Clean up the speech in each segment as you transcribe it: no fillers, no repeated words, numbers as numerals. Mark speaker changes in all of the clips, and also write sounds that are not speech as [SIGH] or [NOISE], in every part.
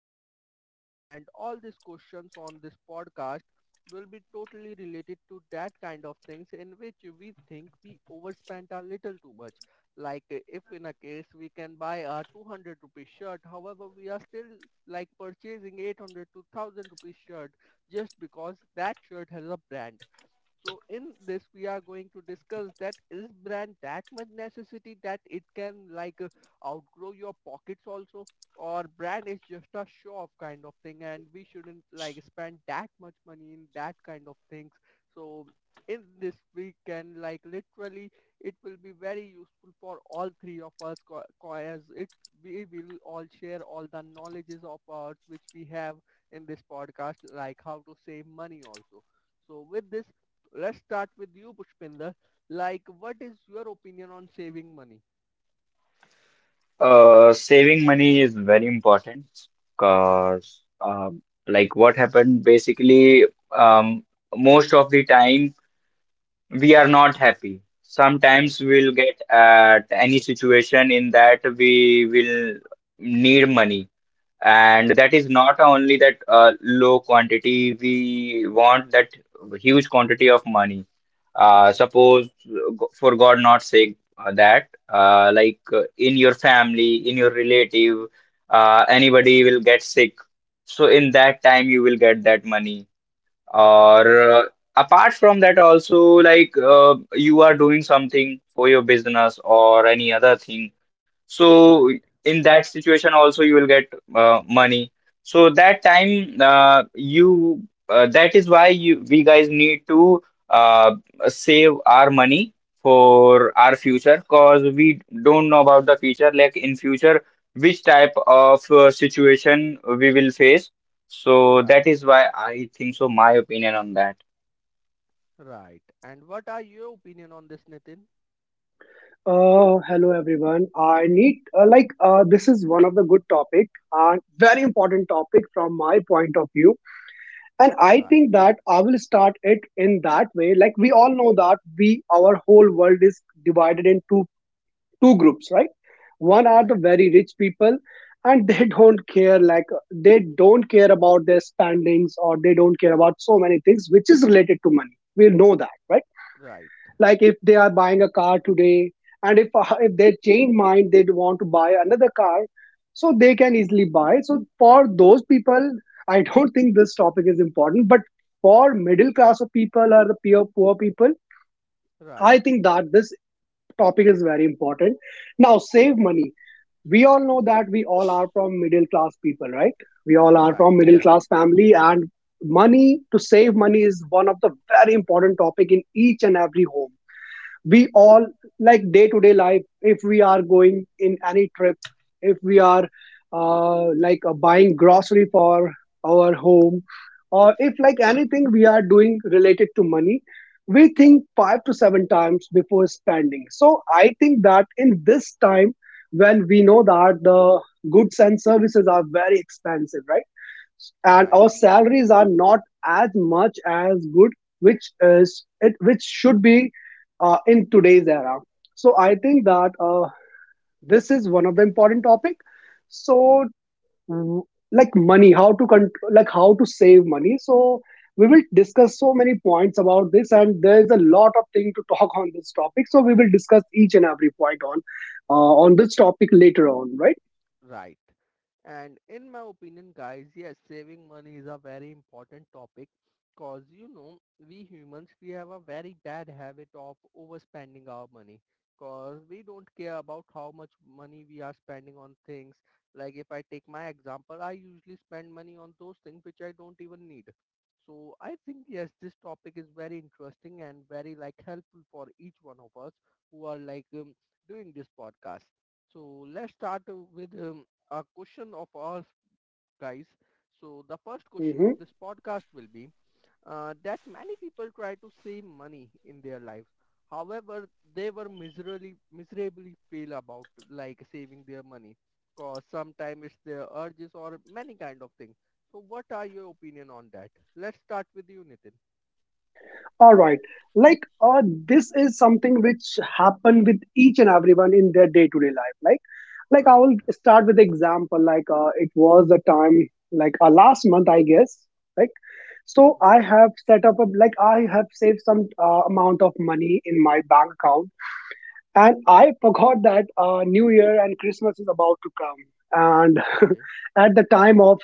Speaker 1: money, and all these questions on this podcast will be totally related to that kind of things in which we think we overspent a little too much like if in a case we can buy a 200 rupee shirt, however we are still like purchasing 800 to 1000 rupee shirt just because that shirt has a brand. So in this, we are going to discuss, that is brand that much necessity that it can like outgrow your pockets also, or brand is just a show off kind of thing and we shouldn't like spend that much money in that kind of things. So in this we can like literally it will be very useful for all three of us as it we will all share all the knowledges of ours which we have in this podcast, like how to save money also. So with this, let's start with you, Pushpinder. Like, what is your opinion on saving money?
Speaker 2: Saving money is very important
Speaker 1: Okay,
Speaker 2: because, like, what happened basically, um, most of the time we are not happy. Sometimes
Speaker 1: right,
Speaker 2: we'll get at any situation in that we will need money. And
Speaker 1: right,
Speaker 2: that is not only that low quantity, we want that huge quantity of money.
Speaker 1: right,
Speaker 2: Suppose, for God not sake, that like in your family, in your relative, anybody will get sick. So in that time, you will get that money.
Speaker 1: right,
Speaker 2: Or apart from that, also like you are doing something for your business or any other thing. So
Speaker 1: right,
Speaker 2: in that situation, also you will get money. So that time, you that is why you we guys need to uh, save our money for our future, because we don't know about the future. Like in future, which type of situation we will face, so that
Speaker 1: right,
Speaker 2: is why I think so, my opinion on that.
Speaker 1: right. And what are your opinion on this, Nitin?
Speaker 3: Hello everyone. I need this is one of the good topic and very important topic from my point of view. And I
Speaker 1: Right,
Speaker 3: think that I will start it in that way. Like we all know that we our whole world is divided into two groups, right? One are
Speaker 1: right,
Speaker 3: the very rich people, and they [LAUGHS] don't care like they don't care about their spendings or they don't care about so many things which is related to money. We know that, right?
Speaker 1: right,
Speaker 3: Like if they are buying a car today and if they change mind they want to buy another car, so they can easily buy, so for those people [LAUGHS] I don't think this topic is important. But for middle class of people or the poor people, I think that this topic is very important. Now save money. We all know that we all are from middle class people, right? We all are
Speaker 1: right,
Speaker 3: from middle
Speaker 1: right,
Speaker 3: class family. And money, to save money is one of the very important topic in each and every home. We all like day to day life, if we are going in any trip, if we are buying grocery for our home, or if like anything we are doing related to money, we think 5 to 7 times before spending. So I think that in this time, when we know that the goods and services are very expensive, right? And
Speaker 1: right,
Speaker 3: our salaries are not as much as good, which is it which should be, in today's era. So I think that this is one of the important topic. So w- like money, how to control, like how to save money. So we will discuss so many points about this, and there is a lot of thing to talk on this topic, so we will discuss each and every point on this topic later on, right?
Speaker 1: right. And in my opinion, guys, yes, saving money is a very important topic because, we humans, we have a very bad habit of overspending our money because we don't care about how much money we are spending on things. Like if I take my example, I usually spend money on those things which I don't even need. So I think, yes, this topic is very interesting and very like helpful for each one of us who are like doing this podcast. So let's start with a question of ours, guys. So the first question
Speaker 3: Hmm.
Speaker 1: of this podcast will be that many people try to save money in their lives. However, they were miserably feel about like saving their money, cause sometimes it's their urges or many kind of things. So what are your opinion on that? Let's start with you, Nitin.
Speaker 3: All right. like uh, this is something which happen with each and everyone in their day to day life. Like I
Speaker 1: Right.
Speaker 3: will start with example. It was the time, last month I guess. Like, so I
Speaker 1: Okay.
Speaker 3: have set up a, like I have saved some amount of money in my bank account. And I [LAUGHS] forgot that new year and Christmas is about to come. And
Speaker 1: Okay.
Speaker 3: [LAUGHS] at the time of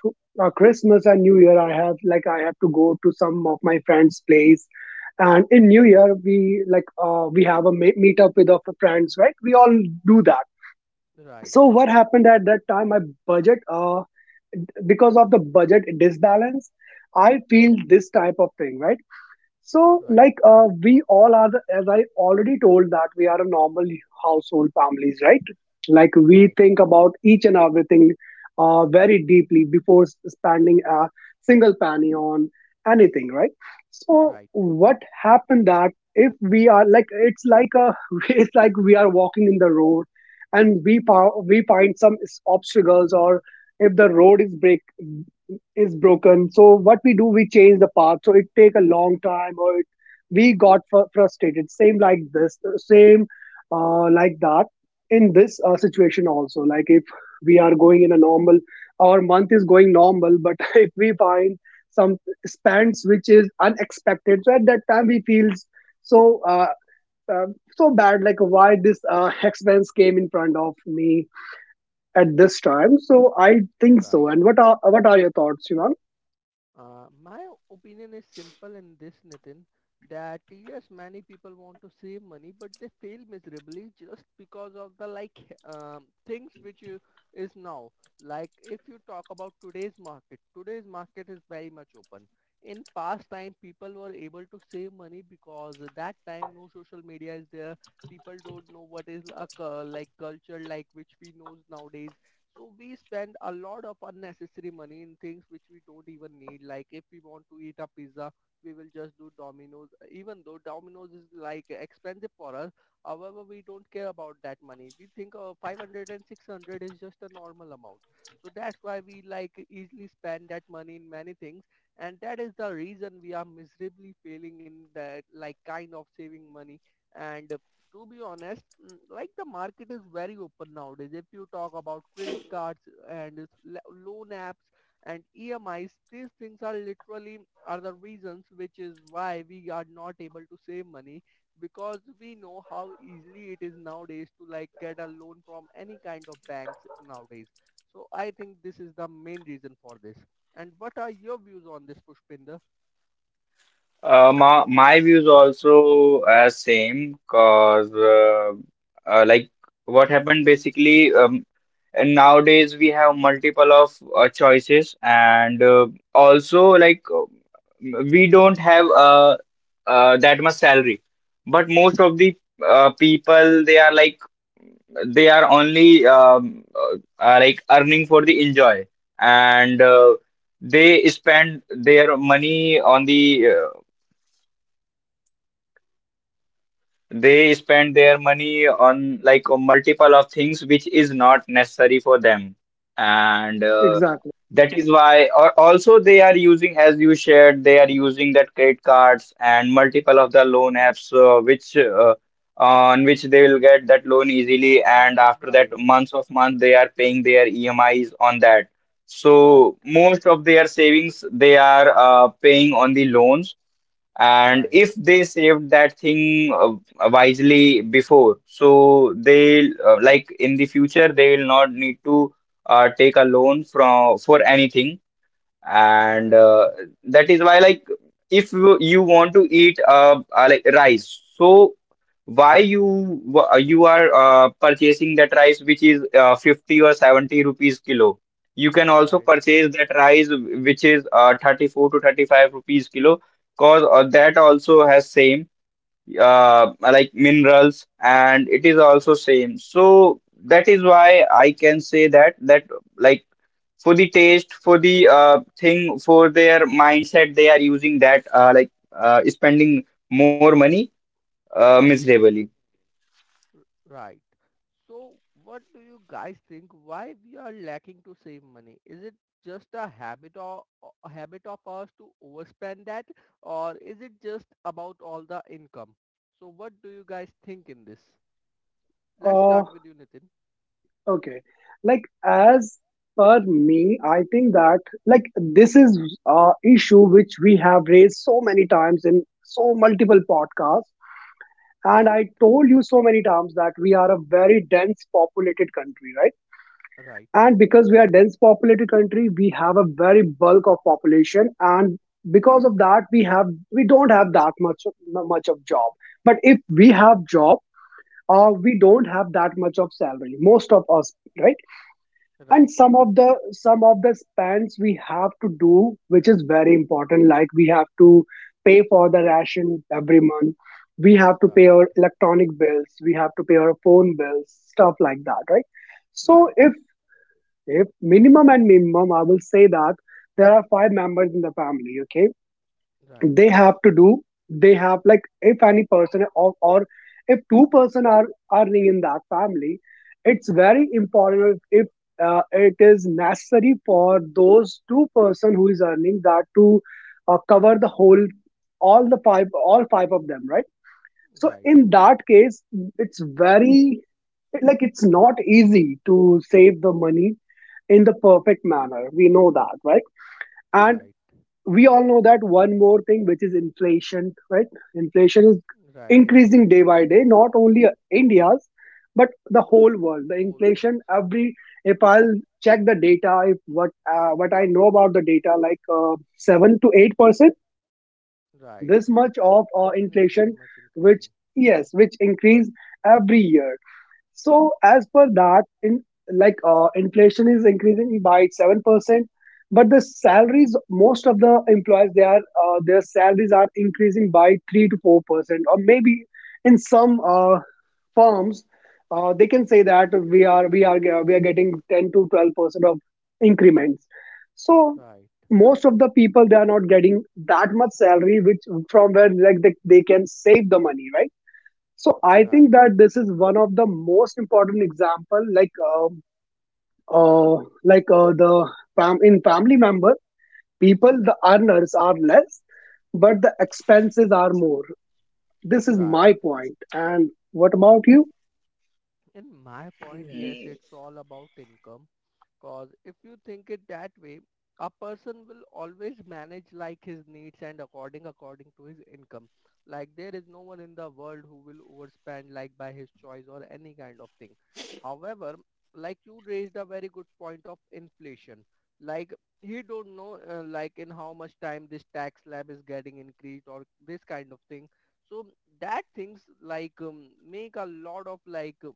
Speaker 3: Christmas and new year, I have to go to some of my friends place. And in new year we we have a meet up with our friends, right? We all do that.
Speaker 1: Right.
Speaker 3: So what happened at that time, my budget, because of the budget disbalance, I feel this type of thing, right? So,
Speaker 1: Right.
Speaker 3: we all are, as I already told, that we are a normal household families, right? Like, we
Speaker 1: Right.
Speaker 3: think about each and everything very deeply before spending a single penny on anything, right? So,
Speaker 1: Right.
Speaker 3: what happened that if we are like, it's [LAUGHS] it's like we are walking in the road, and we we find some obstacles, or if the road is break is broken, so what we do, we change the path, so it take a long time, or we got frustrated. Same like this, same like that in this situation also, like if we are going in a normal, our month is going normal, but [LAUGHS] if we find some spends which is unexpected, so at that time we feels so uh, so bad, like why this expense came in front of me at this time. So I think so.
Speaker 1: Right.
Speaker 3: And what are your thoughts you?
Speaker 1: My opinion is simple in this, Nitin, that yes, many people want to save money, but they fail miserably just because of the like things which you, is now. Like if you talk about today's market is very much open. In past time, people were able to save money because at that time no social media is there. People don't know what is a like culture like which we knows nowadays. So we spend a lot of unnecessary money in things which we don't even need. Like if we want to eat a pizza, we will just do Domino's. Even though Domino's is like expensive for us, however, we don't care about that money. We think 500 and 600 is just a normal amount. So that's why we like easily spend that money in many things. And that is the reason we are miserably failing in that like kind of saving money, and to be honest, like the market is very open nowadays. If you talk about credit cards and it's loan apps and EMIs, these things are literally are the reasons which is why we are not able to save money because we know how easily it is nowadays to like get a loan from any kind of banks nowadays. So I think this is the main reason for this. And what are your views on this, Pushpinder?
Speaker 2: My views also are same, cause like what happened basically, and nowadays we have multiple of choices, and also like we don't have that much salary. But most of the people, they are only like earning for the enjoy. And they spend their money on the They spend their money on like a multiple of things which is not necessary for them. And
Speaker 3: Exactly.
Speaker 2: that is why, or also they are using, as you shared, they are using that credit cards and multiple of the loan apps which on which they will get that loan easily. And after that,
Speaker 1: Right,
Speaker 2: months of month, they are paying their EMIs on that.
Speaker 1: right,
Speaker 2: So most of their savings they are paying on the loans, and
Speaker 1: right,
Speaker 2: if they saved that thing wisely before. So they like in the future they will not need to take a loan from for anything. And
Speaker 1: right,
Speaker 2: that is why, like if you want to eat like rice, so why you are purchasing that rice which is 50 or 70 rupees kilo. You can also
Speaker 1: right.
Speaker 2: purchase that rice which is 34 to 35 rupees kilo, because that also has same like minerals, and it is also same. So that is why I can say that like for the taste, for the thing, for their mindset, they are using that spending more money,
Speaker 1: Right.
Speaker 2: miserably.
Speaker 1: Right. So what do you guys think why we are lacking to save money? Is it just a habit or a habit of ours to overspend that, or is it just about all the income? So what do you guys think in this? Let's
Speaker 3: Uh,
Speaker 1: start with you, Nitin.
Speaker 3: okay. Like as per me, I think that this is a issue which we have raised so many times in so multiple podcasts, and
Speaker 1: Right,
Speaker 3: I told you so many times that we are a very dense populated country, right?
Speaker 1: right,
Speaker 3: And because we are dense populated country, we have a very bulk of population, and because of that, we don't have that much of job. But if we have job, we don't have that much of salary, most of us, right? And
Speaker 1: right,
Speaker 3: some of the spends we have to do which is very important, like we have to pay for the ration every month, we have to pay
Speaker 1: right,
Speaker 3: our electronic bills, we have to pay our phone bills, stuff like that, right? So
Speaker 1: right,
Speaker 3: if minimum and minimum I will say that there are five members in the family, okay?
Speaker 1: right,
Speaker 3: they have to do they have like If any or if two-person are earning in that family, it's very important, if it is necessary for those two-person who is earning that to cover the whole, all the five all five of them, right? So
Speaker 1: right,
Speaker 3: in that case, it's very like, it's not easy to save the money in the perfect manner, we know that, right? And
Speaker 1: right,
Speaker 3: we all know that one more thing, which is inflation, right? Inflation is
Speaker 1: right.
Speaker 3: increasing day
Speaker 1: Inflation
Speaker 3: by
Speaker 1: is
Speaker 3: day, not
Speaker 1: increasing.
Speaker 3: only India's, but the whole world, the
Speaker 1: Whole world.
Speaker 3: inflation every, if I'll check the data, if what what I know about the data, like 7 to 8%,
Speaker 1: Right.
Speaker 3: this much of
Speaker 1: Inflation is very
Speaker 3: inflation
Speaker 1: much
Speaker 3: which,
Speaker 1: increasing.
Speaker 3: yes, which increase every year. So as per that, in like inflation is increasing by 7%, but the salaries, most of the employees, they are their salaries are increasing by 3 to 4%, or maybe in some firms, they can say that we are getting 10 to 12% of increments. So
Speaker 1: Right.
Speaker 3: most of the people, they are not getting that much salary, which from where like they can save the money, right? So I
Speaker 1: Right,
Speaker 3: think that this is one of the most important example, like the in family member people, the earners are less, but the expenses are more. This is
Speaker 1: right.
Speaker 3: my point. And what about you?
Speaker 1: In my point, yes,
Speaker 2: Mm,
Speaker 1: it's all about income. Cause if you think it that way, a person will always manage like his needs and according to his income. Like there is no one in the world who will overspend like by his choice or any kind of thing. However, like you raised a very good point of inflation. Like he don't know like in how much time this tax slab is getting increased or this kind of thing. So that things like make a lot of like uh,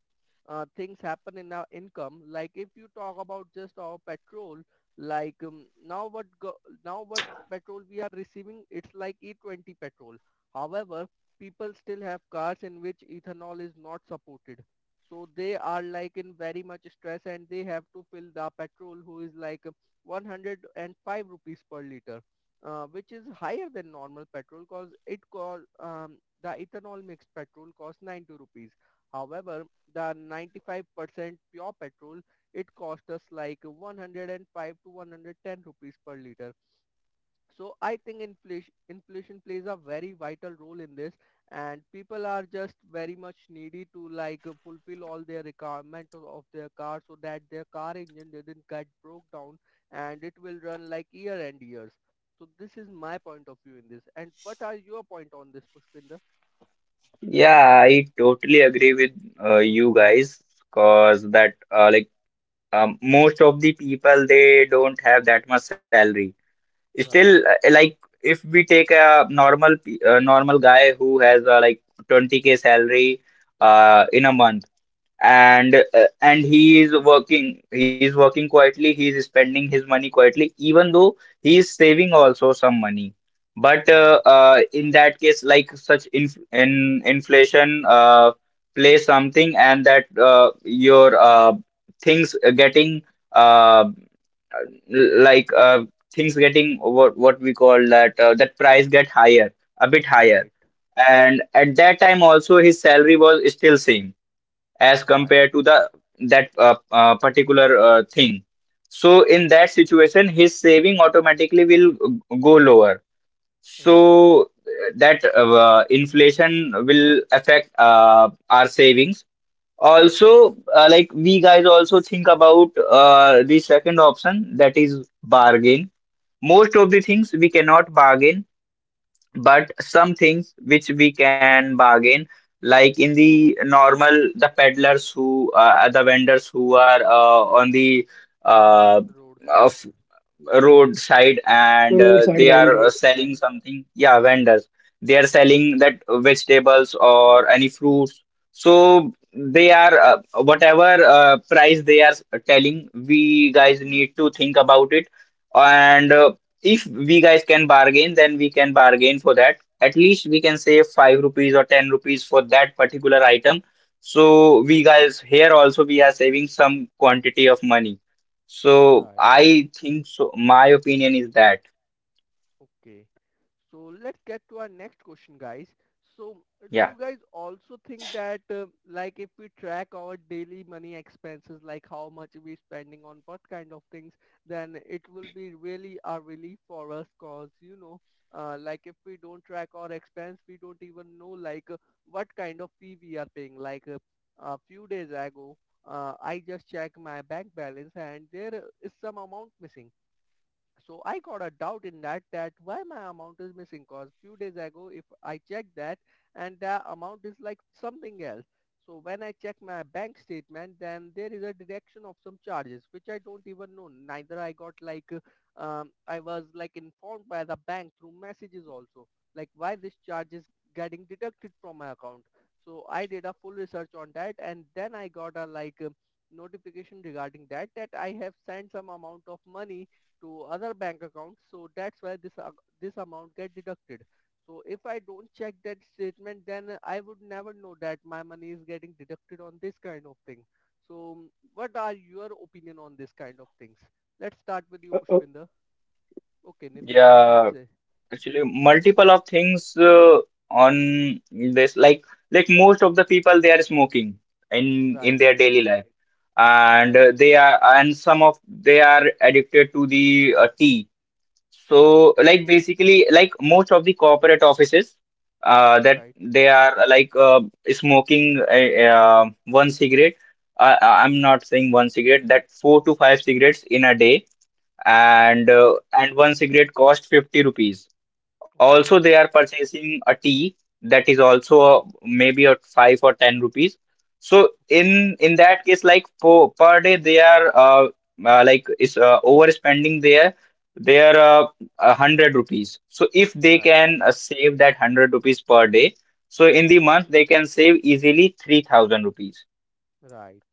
Speaker 1: uh, things happen in our income. Like if you talk about just our petrol, like now what petrol we are receiving, it's like E20 petrol. However, people still have cars in which ethanol is not supported. So they are like in very much stress and they have to fill the petrol who is like 105 rupees per liter. Which is higher than normal petrol because it call the ethanol mixed petrol costs 90 rupees. However, the 95% pure petrol, it cost us like 105 to 110 rupees per liter. So I think inflation plays a very vital role in this, and people are just very much needy to like fulfill all their requirement of their car so that their car engine doesn't get broke down and it will run like year and years. So this is my point of view in this. And what are your point on this, Pushpinda?
Speaker 2: yeah, I totally agree with you guys, because that like most of the people they don't have that much salary. Still,
Speaker 1: Right,
Speaker 2: like if we take a normal guy who has like 20K salary in a month. And he is working quietly, he is spending his money quietly, even though he is saving also some money. But
Speaker 1: right,
Speaker 2: in that case, like such inflation play something, and that your things getting uh, like uh, things getting, what we call that that price get higher, a bit higher.
Speaker 1: right,
Speaker 2: And at that time also his salary was still same as
Speaker 1: right,
Speaker 2: compared to the that particular thing. So in that situation, his saving automatically will go lower.
Speaker 1: right.
Speaker 2: So that inflation will affect our savings. Also, like we guys also think about the second option, that is bargain. Most of the things we cannot bargain, but some things which we can bargain, like in the normal, the peddlers who the vendors who are on the uh,
Speaker 1: Roadside.
Speaker 2: of roadside, and
Speaker 3: Roadside
Speaker 2: they are
Speaker 3: vendors?
Speaker 2: selling something. Yeah, vendors. They are selling that vegetables or any fruits. So they are whatever price they are telling, we guys need to think about it. And if we guys can bargain, then we can bargain for that. At least we can save 5 rupees or 10 rupees for that particular item. So we guys here also we are saving some quantity of money. So
Speaker 1: Right.
Speaker 2: I think so. My opinion is that.
Speaker 1: Okay. So let's get to our next question, guys. So do
Speaker 2: Yeah,
Speaker 1: you guys also think that, like, if we track our daily money expenses, like how much we're spending on what kind of things, then it will be really a relief for us cause, like if we don't track our expense, we don't even know, like, what kind of fee we are paying. Like, a few days ago, I just checked my bank balance and there is some amount missing. So I got a doubt in that, that why my amount is missing, cause few days ago if I check that and the amount is like something else. So when I check my bank statement then there is a deduction of some charges which I don't even know. Neither I got like I was like informed by the bank through messages also like why this charge is getting deducted from my account. So I did a full research on that and then I got a like notification regarding that, that I have sent some amount of money to other bank account. So that's why this this amount get deducted. So if I don't check that statement, then I would never know that my money is getting deducted on this kind of thing. So what are your opinion on this kind of things? Let's start with you, Pushpinder. Okay, Nitin, you can
Speaker 2: yeah.
Speaker 1: say.
Speaker 2: Actually, multiple of things on this. Like most of the people, they are smoking in
Speaker 1: Right,
Speaker 2: their daily life, and
Speaker 1: right,
Speaker 2: they are and some of they are addicted to the tea.
Speaker 1: right,
Speaker 2: So, like basically, like most of the corporate offices, that
Speaker 1: right.
Speaker 2: they are smoking one cigarette. I'm not saying one cigarette. That four to five cigarettes in a day,
Speaker 1: Okay,
Speaker 2: and one cigarette cost 50 rupees. Also,
Speaker 1: okay,
Speaker 2: they are purchasing a tea, that is also maybe at 5 or 10 rupees. So
Speaker 1: okay.
Speaker 2: in that case, like per day, they are like is overspending their 100 rupees. So if they
Speaker 1: Right,
Speaker 2: can save that 100 rupees per day, so in the month they can save easily 3,000 rupees.
Speaker 1: right,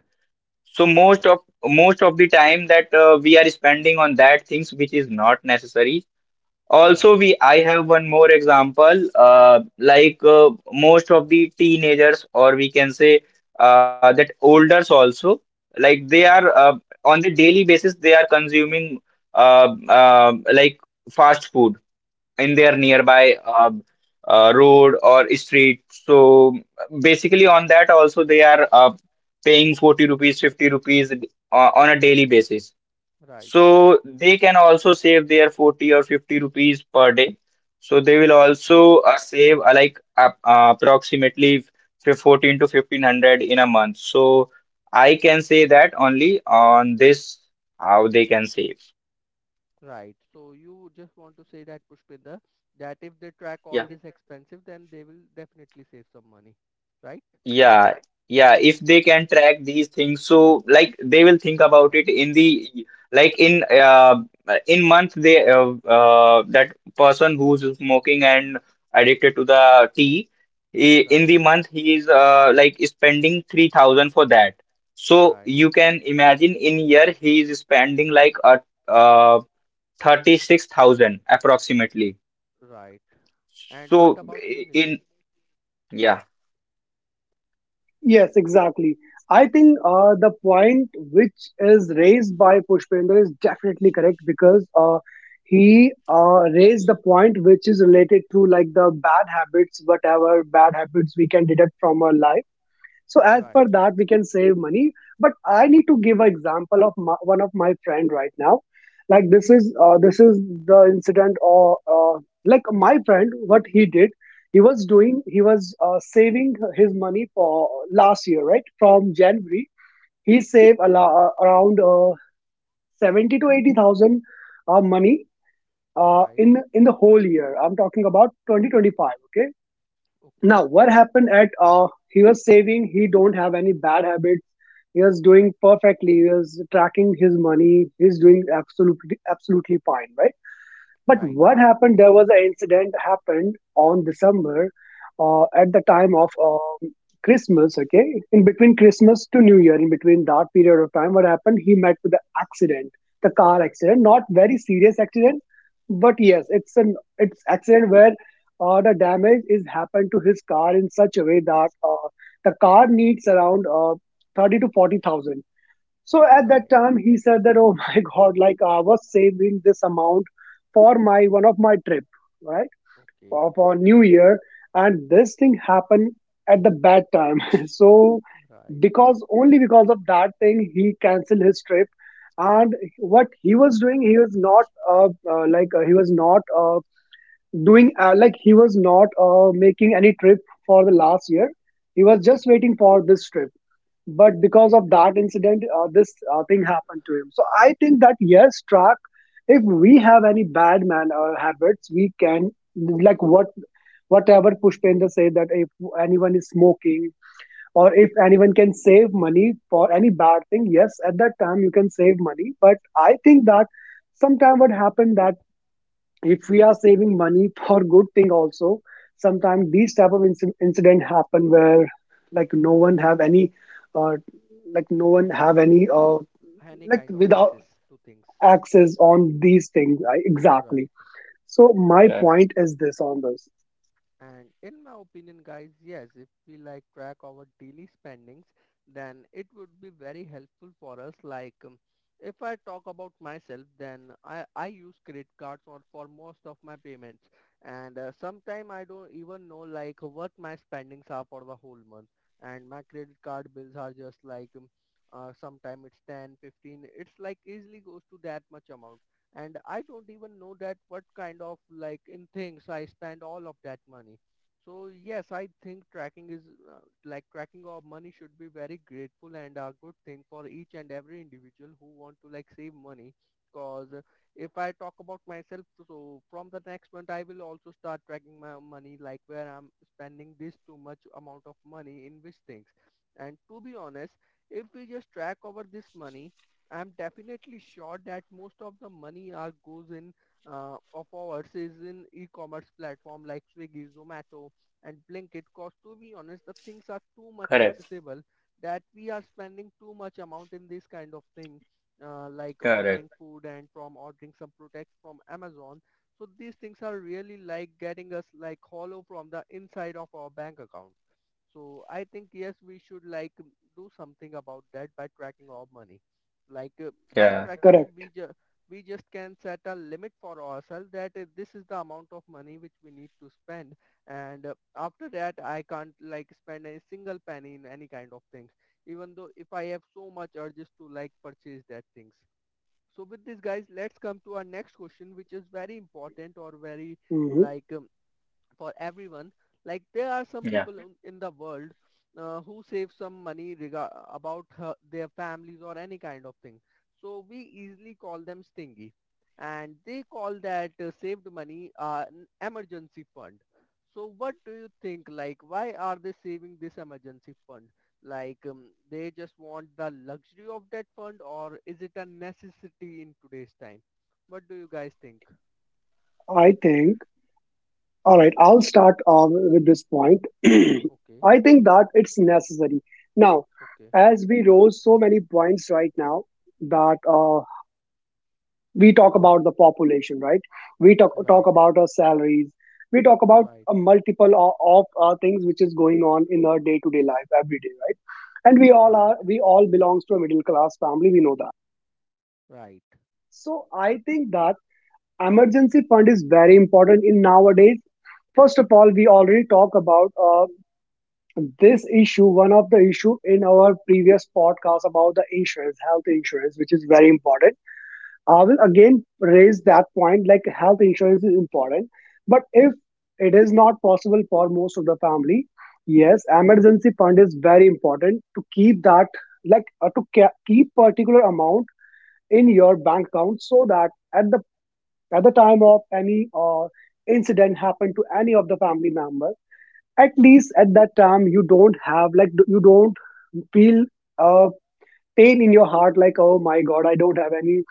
Speaker 2: So most of the time that we are spending on that things which is not necessary. Also,
Speaker 1: right,
Speaker 2: we I have one more example. Most of the teenagers, or we can say that olders also, like they are
Speaker 1: right,
Speaker 2: on the daily basis, they are consuming uh, uh, like fast food in their
Speaker 1: right,
Speaker 2: nearby road or street. So basically, on that also they are paying 40 rupees, 50 rupees on a daily basis.
Speaker 1: right, right.
Speaker 2: So they can also save their 40 or 50 rupees per day. So they will
Speaker 1: Right.
Speaker 2: also save approximately 14 to 1500 in a month. So I can say that only on this how they can save.
Speaker 1: Right. So you just want to say that, Pushpinda, that if they track all
Speaker 2: Yeah.
Speaker 1: this expensive, then they will definitely save some money. Right?
Speaker 2: Yeah, yeah. If they
Speaker 1: Okay.
Speaker 2: can track these things, so like they will think about
Speaker 1: Right.
Speaker 2: it in the like in month. They that person who's smoking and addicted to the tea, in
Speaker 1: Right.
Speaker 2: the month he is spending 3,000 for that. So
Speaker 1: Right.
Speaker 2: you can imagine in year he is spending like a uh 36,000 approximately.
Speaker 1: Right. And what
Speaker 2: So
Speaker 1: about you,
Speaker 2: in
Speaker 1: Nitin?
Speaker 2: Yeah,
Speaker 3: Yes, exactly. I think the point which is raised by Pushpender is definitely correct, because he raised the point which is related to like the bad habits, whatever bad habits we can detect from our life. So as
Speaker 1: Right.
Speaker 3: per that, we can save money. But I need to give an example of my, one of my friend right now. Like this is the incident or like my friend, what he did, he was saving his money for last year, right? From January, he saved a around seventy to eighty thousand money uh,
Speaker 1: Right.
Speaker 3: in in the whole year. I'm talking about 2025.
Speaker 1: Okay.
Speaker 3: Now what happened at uh, he was saving, he don't have any bad habits, he was doing perfectly, he was tracking his money, he's doing absolutely fine, right? But
Speaker 1: Right.
Speaker 3: what happened? There was an incident happened on December, at the time of Christmas. Okay, in between Christmas to New Year, in between that period of time, what happened? He met with the accident, the car accident. Not very serious accident, but yes, it's an it's accident where the damage is happened to his car in such a way that the car needs around thirty to forty thousand. So at that
Speaker 1: Right.
Speaker 3: time, he said that, oh my [LAUGHS] God, like I was saving this amount for my one of my trip, right?
Speaker 1: Okay.
Speaker 3: For New Year. And this thing happened at the bad time. [LAUGHS] So
Speaker 1: Right.
Speaker 3: because only because of that thing, he canceled his trip. And what he was doing, he was not like he was not doing like he was not making any trip for the last year. He was just waiting
Speaker 1: Okay.
Speaker 3: for this trip, but because
Speaker 1: Okay.
Speaker 3: of that incident this thing happened to him. So I think that yes, track if we have any bad manner habits, we can, like what, whatever Pushpendra say, that if anyone is smoking or if anyone can save money for any bad thing, yes, at that time you can save money. But I think that sometime what happened that if we are saving money for good thing also, sometimes these type of incident happen where like no one have any uh, like no one have any
Speaker 1: Any
Speaker 3: like
Speaker 1: kind of
Speaker 3: without
Speaker 1: access to things.
Speaker 3: access on these things,
Speaker 1: R-
Speaker 3: exactly.
Speaker 1: Right.
Speaker 3: So my
Speaker 2: yeah.
Speaker 3: point is this on this.
Speaker 1: And in my opinion, guys, yes, if we like track our daily spendings, then it would be very helpful for us. Like, if I talk about myself, then I use credit cards for most of my payments. And sometimes I don't even know like what my spendings are for the whole month. And my credit card bills are just like, sometime it's 10, 15, it's like easily goes to that much amount and I don't even know that what kind of like in things I spend all of that money. So yes, I think tracking is uh, like tracking of money should be very grateful and a good thing for each and every individual who want to like save money. Cause if I talk about myself, so from the next month I will also start tracking my money, like where I'm spending this too much amount of money in which things. And to be honest, if we just track over this money, I'm definitely sure that most of the money are goes in of ours is in e-commerce platform like Swiggy, Zomato, and Blinkit. Cause to be honest, the things are too much
Speaker 2: Correct,
Speaker 1: accessible that we are spending too much amount in this kind of thing, like ordering
Speaker 2: correct.
Speaker 1: food and from ordering some products from Amazon. So these things are really like getting us like hollow from the inside of our bank account. So I think yes, we should like do something about that by tracking our money. Like uh, by
Speaker 2: Yeah.
Speaker 1: tracking,
Speaker 3: Correct.
Speaker 1: we just can set a limit for ourselves that this is the amount of money which we need to spend, and after that I can't like spend any single penny in any kind of things. Even though if I have so much urges to like purchase that things. So with this, guys, let's come to our next question, which is very important or very
Speaker 3: Hmm.
Speaker 1: like um, for everyone. Like there are some people in the world who save some money rega- about her, their families or any kind of thing. So we easily call them stingy, and they call that saved money an emergency fund. So what do you think? Like why are they saving this emergency fund? Like um, they just want the luxury of that fund, or is it a necessity in today's time? What do you guys think?
Speaker 3: I think, all right, I'll start with this point. [CLEARS THROAT]
Speaker 1: Okay,
Speaker 3: I think that it's necessary now,
Speaker 1: okay,
Speaker 3: as we rose so many points right now, that we talk about the population, right? We talk
Speaker 1: right,
Speaker 3: talk about our salaries. We talk about
Speaker 1: right,
Speaker 3: a multiple of things which is going on in our day to day life every day, right? And we all
Speaker 1: right,
Speaker 3: are we all belongs to a middle class family, we know that.
Speaker 1: right,
Speaker 3: So I think that emergency fund is very important in nowadays. First of all, we already talk about this issue, one of the issue in our previous podcast, about the insurance, health insurance, which is very important. I will again raise that point, like health insurance is important. But if it is not possible for most of the family, yes,
Speaker 1: right,
Speaker 3: emergency fund is very important to keep that, like to keep particular amount in your bank account, so that at the time of any incident happen to any of the family member, at least at that time you don't have, like you don't feel uh, pain in your heart like, oh my god, I don't have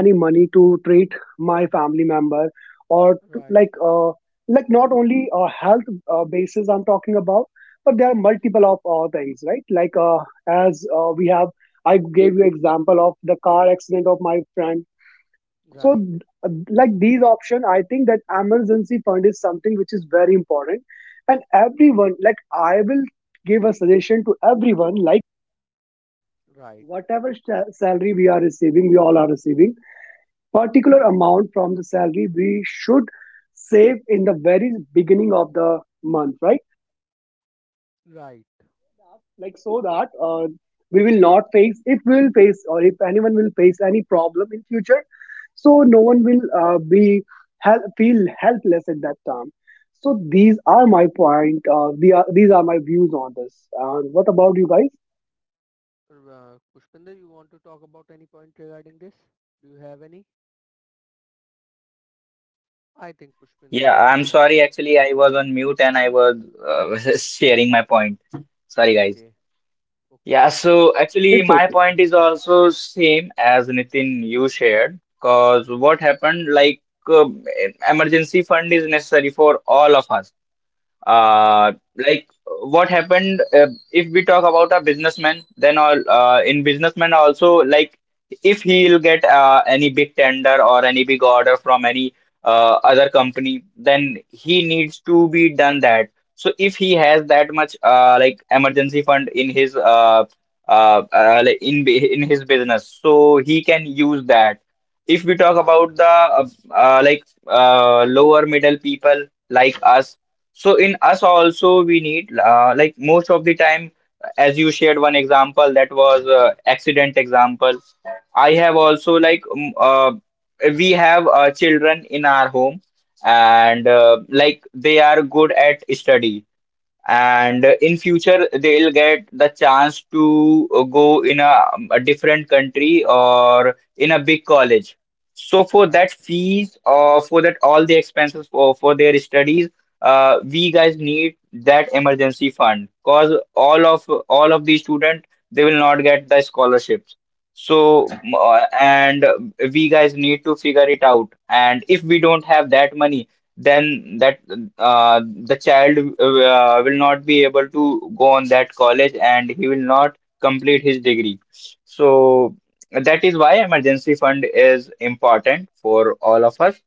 Speaker 3: any money to treat my family member or to,
Speaker 1: right,
Speaker 3: like not only health basis I'm talking about, but there are multiple of things, right? Like as we have, I gave you example of the car accident of my friend. So
Speaker 1: right,
Speaker 3: uh, like these option, I think that emergency fund is something which is very important, and everyone, like I will give a suggestion to everyone, like
Speaker 1: right,
Speaker 3: whatever salary we are receiving, we all are receiving particular amount from the salary, we should save in the very beginning of the month, right?
Speaker 1: right.
Speaker 3: Like so that we will not face, if we will face or if anyone will face any problem in future, so no one will be feel helpless at that time. So these are my point, these are my views on this. And what about you guys?
Speaker 1: Pushpinder, you want to talk about any point regarding this? Do you have any? I think
Speaker 2: Yeah,
Speaker 1: Pushpinder
Speaker 2: I'm
Speaker 1: has. D-
Speaker 2: sorry. Actually, I was on mute and I was [LAUGHS] sharing my point. Sorry, guys.
Speaker 1: Okay, okay,
Speaker 2: Yeah,
Speaker 1: okay.
Speaker 2: so actually,
Speaker 3: It's
Speaker 2: my
Speaker 3: okay.
Speaker 2: point is also same as Nitin you shared. Cause what happened, like uh, emergency fund is necessary for all of us.
Speaker 1: Right,
Speaker 2: uh like what happened, if we talk about a businessman, then all in businessman also, like if he'll get any big tender or any big order from any other company, then he needs to be done that. So if he has that much like emergency fund in his in his business, so he can use that. If we talk
Speaker 1: right,
Speaker 2: about the lower middle people like us, so in us also we need like most of the time, as you shared one example, that was accident example. I have also, we have children in our home, and like they are good at study, and in future they'll get the chance to go in a different country or in a big college. So for
Speaker 1: right,
Speaker 2: that fees, or for that all the expenses for their studies, we guys need that emergency fund, cause all of the student, they will not get the scholarships. so
Speaker 1: right.
Speaker 2: m- uh, and we guys need to figure it out, and if we don't have that money, then that the child will not be able to go on that college, and he will not complete his degree. So that is why emergency fund is important for all of us.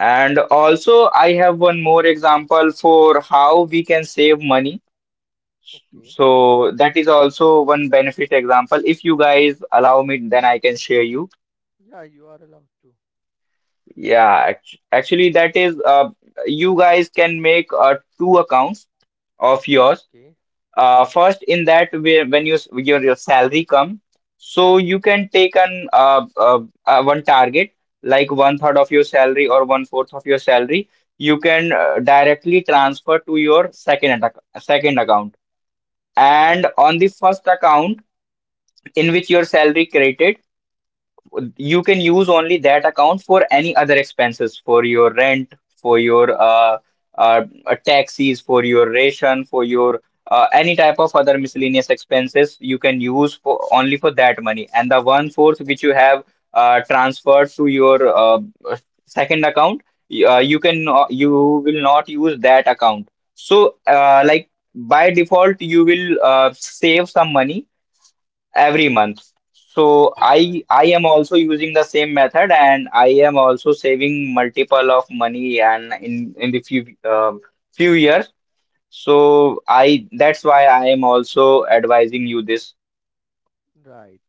Speaker 2: And also, I have one more example for how we can save money.
Speaker 1: Okay.
Speaker 2: So that is also one benefit example. If you guys allow me, then I can share you.
Speaker 1: Yeah, you are allowed to.
Speaker 2: Yeah, actually, that is you guys can make two accounts of yours.
Speaker 1: Okay.
Speaker 2: First, in that where when your salary come, so you can take an one target, like one third of your salary or one fourth of your salary. You can directly transfer to your second account, and
Speaker 1: Right,
Speaker 2: on the first account, in which your salary credited, you can use only that account for any other expenses, for your rent, for your uh, taxis, for your ration, for your any type of other miscellaneous expenses. You can use for only for that money. And the one fourth which you have transferred to your uh, second account, y- you can no-
Speaker 1: right,
Speaker 2: you will not use that account. So like by default you will save some money every month. So I
Speaker 1: right,
Speaker 2: I am also using the same method, and I am also saving multiple of money, and in the few years. So I that's why I am also advising you this.
Speaker 1: right.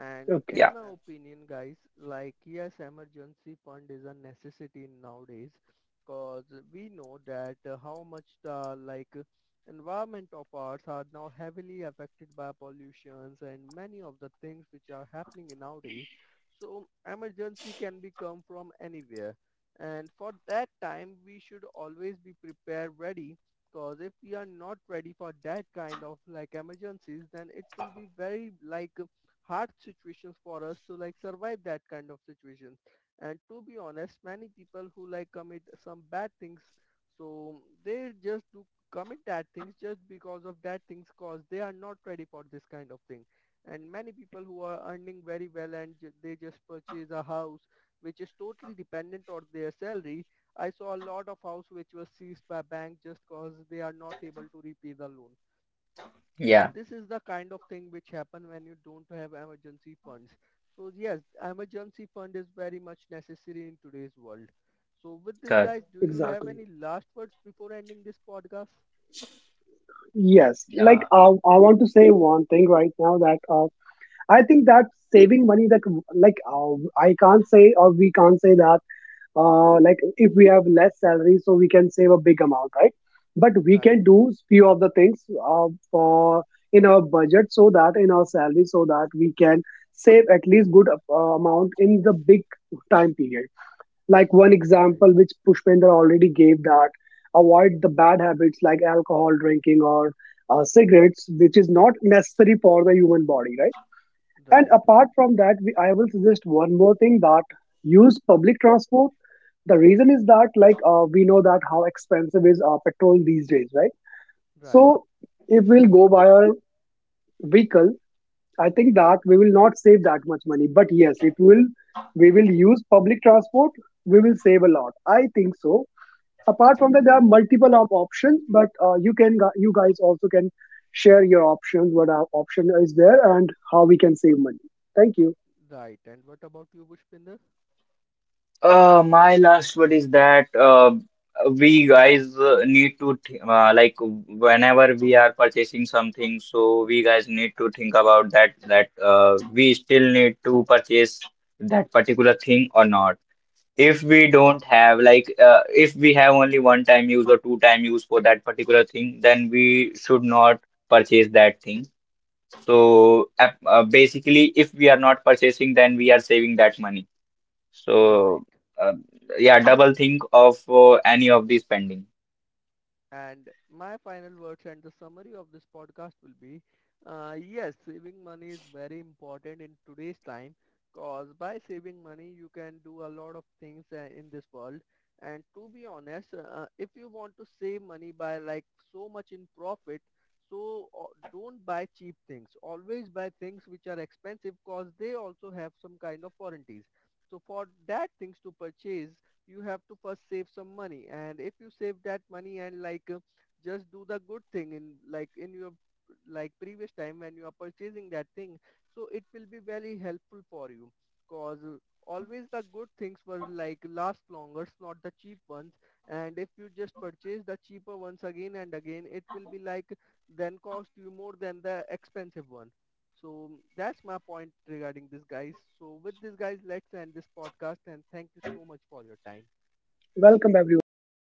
Speaker 1: And
Speaker 3: Okay.
Speaker 1: in
Speaker 2: Yeah.
Speaker 1: my opinion, guys, like yes, emergency fund is a necessity nowadays because we know that how much the environment of ours are now heavily affected by pollutions and many of the things which are happening nowadays. So emergency can be come from anywhere. And for that time, we should always be prepared ready. Cause if we are not ready for that kind of like emergencies, then it will be very like hard situations for us to like survive that kind of situations. And to be honest, many people who like commit some bad things, so they just do commit that things just because of that things cause they are not ready for this kind of thing. And many people who are earning very well and they just purchase a house which is totally dependent on their salary. I saw a lot of house which was seized by bank just cause they are not able to repay the loan. So
Speaker 2: Yeah,
Speaker 1: this is the kind of thing which happen when you don't have emergency funds. So yes, emergency fund is very much necessary in today's world. So with this
Speaker 2: good.
Speaker 1: guys, do you have
Speaker 3: Exactly.
Speaker 1: any last words before ending this podcast?
Speaker 3: Yes, like
Speaker 2: Yeah.
Speaker 3: I want to say one thing right now, that I think that saving money, that like I can't say or we can't say that like if we have less salary, so we can save a big amount, right? But we
Speaker 1: Right,
Speaker 3: can do few of the things for in our budget, so that in our salary, so that we can save at least good amount in the big time period. Like one
Speaker 1: right,
Speaker 3: example which Pushpendra already gave, that avoid the bad habits like alcohol drinking or cigarettes, which is not necessary for the human body, right? And
Speaker 1: right,
Speaker 3: apart from that, I will suggest one more thing, that use public transport. The reason is that like we know that how expensive is petrol these days, right?
Speaker 1: right.
Speaker 3: So if we'll go by our vehicle, I
Speaker 1: Public
Speaker 3: think
Speaker 1: trans.
Speaker 3: that we will not save that much money. But yes, if we will use public transport, we will save a lot, I think so. Apart from that, there are multiple options, but you can you guys also can share your options, what our option is there, and how we can save money. Thank you.
Speaker 1: Right. And what about you, Pushpinder?
Speaker 2: My last word is that we guys need to th like whenever we are purchasing something, so we guys need to think about that, that we still need to purchase that particular thing or not. If we don't have, if we have only one time use or two time use for that particular thing, then we should not purchase that thing. So basically, if we are not purchasing, then we are saving that money.
Speaker 1: Right.
Speaker 2: So, uh, yeah, double think of any of the spending.
Speaker 1: And my final words and the summary of this podcast will be, yes, saving money is very important in today's time because by saving money, you can do a lot of things in this world. And to be honest, if you want to save money by like so much in profit, so don't buy cheap things. Always buy things which are expensive because they also have some kind of warranties. So for that things to purchase, you have to first save some money and if you save that money and just do the good thing in like in your like previous time when you are purchasing that thing, so it will be very helpful for you cause always the good things were like last longer, not the cheap ones, and if you just purchase the cheaper ones again and again it will be like then cost you more than the expensive one. So that's my point regarding this guys, so with this guys let's end this podcast, and thank you so much for your time.
Speaker 3: Welcome,
Speaker 2: Thank
Speaker 3: everyone.
Speaker 2: you.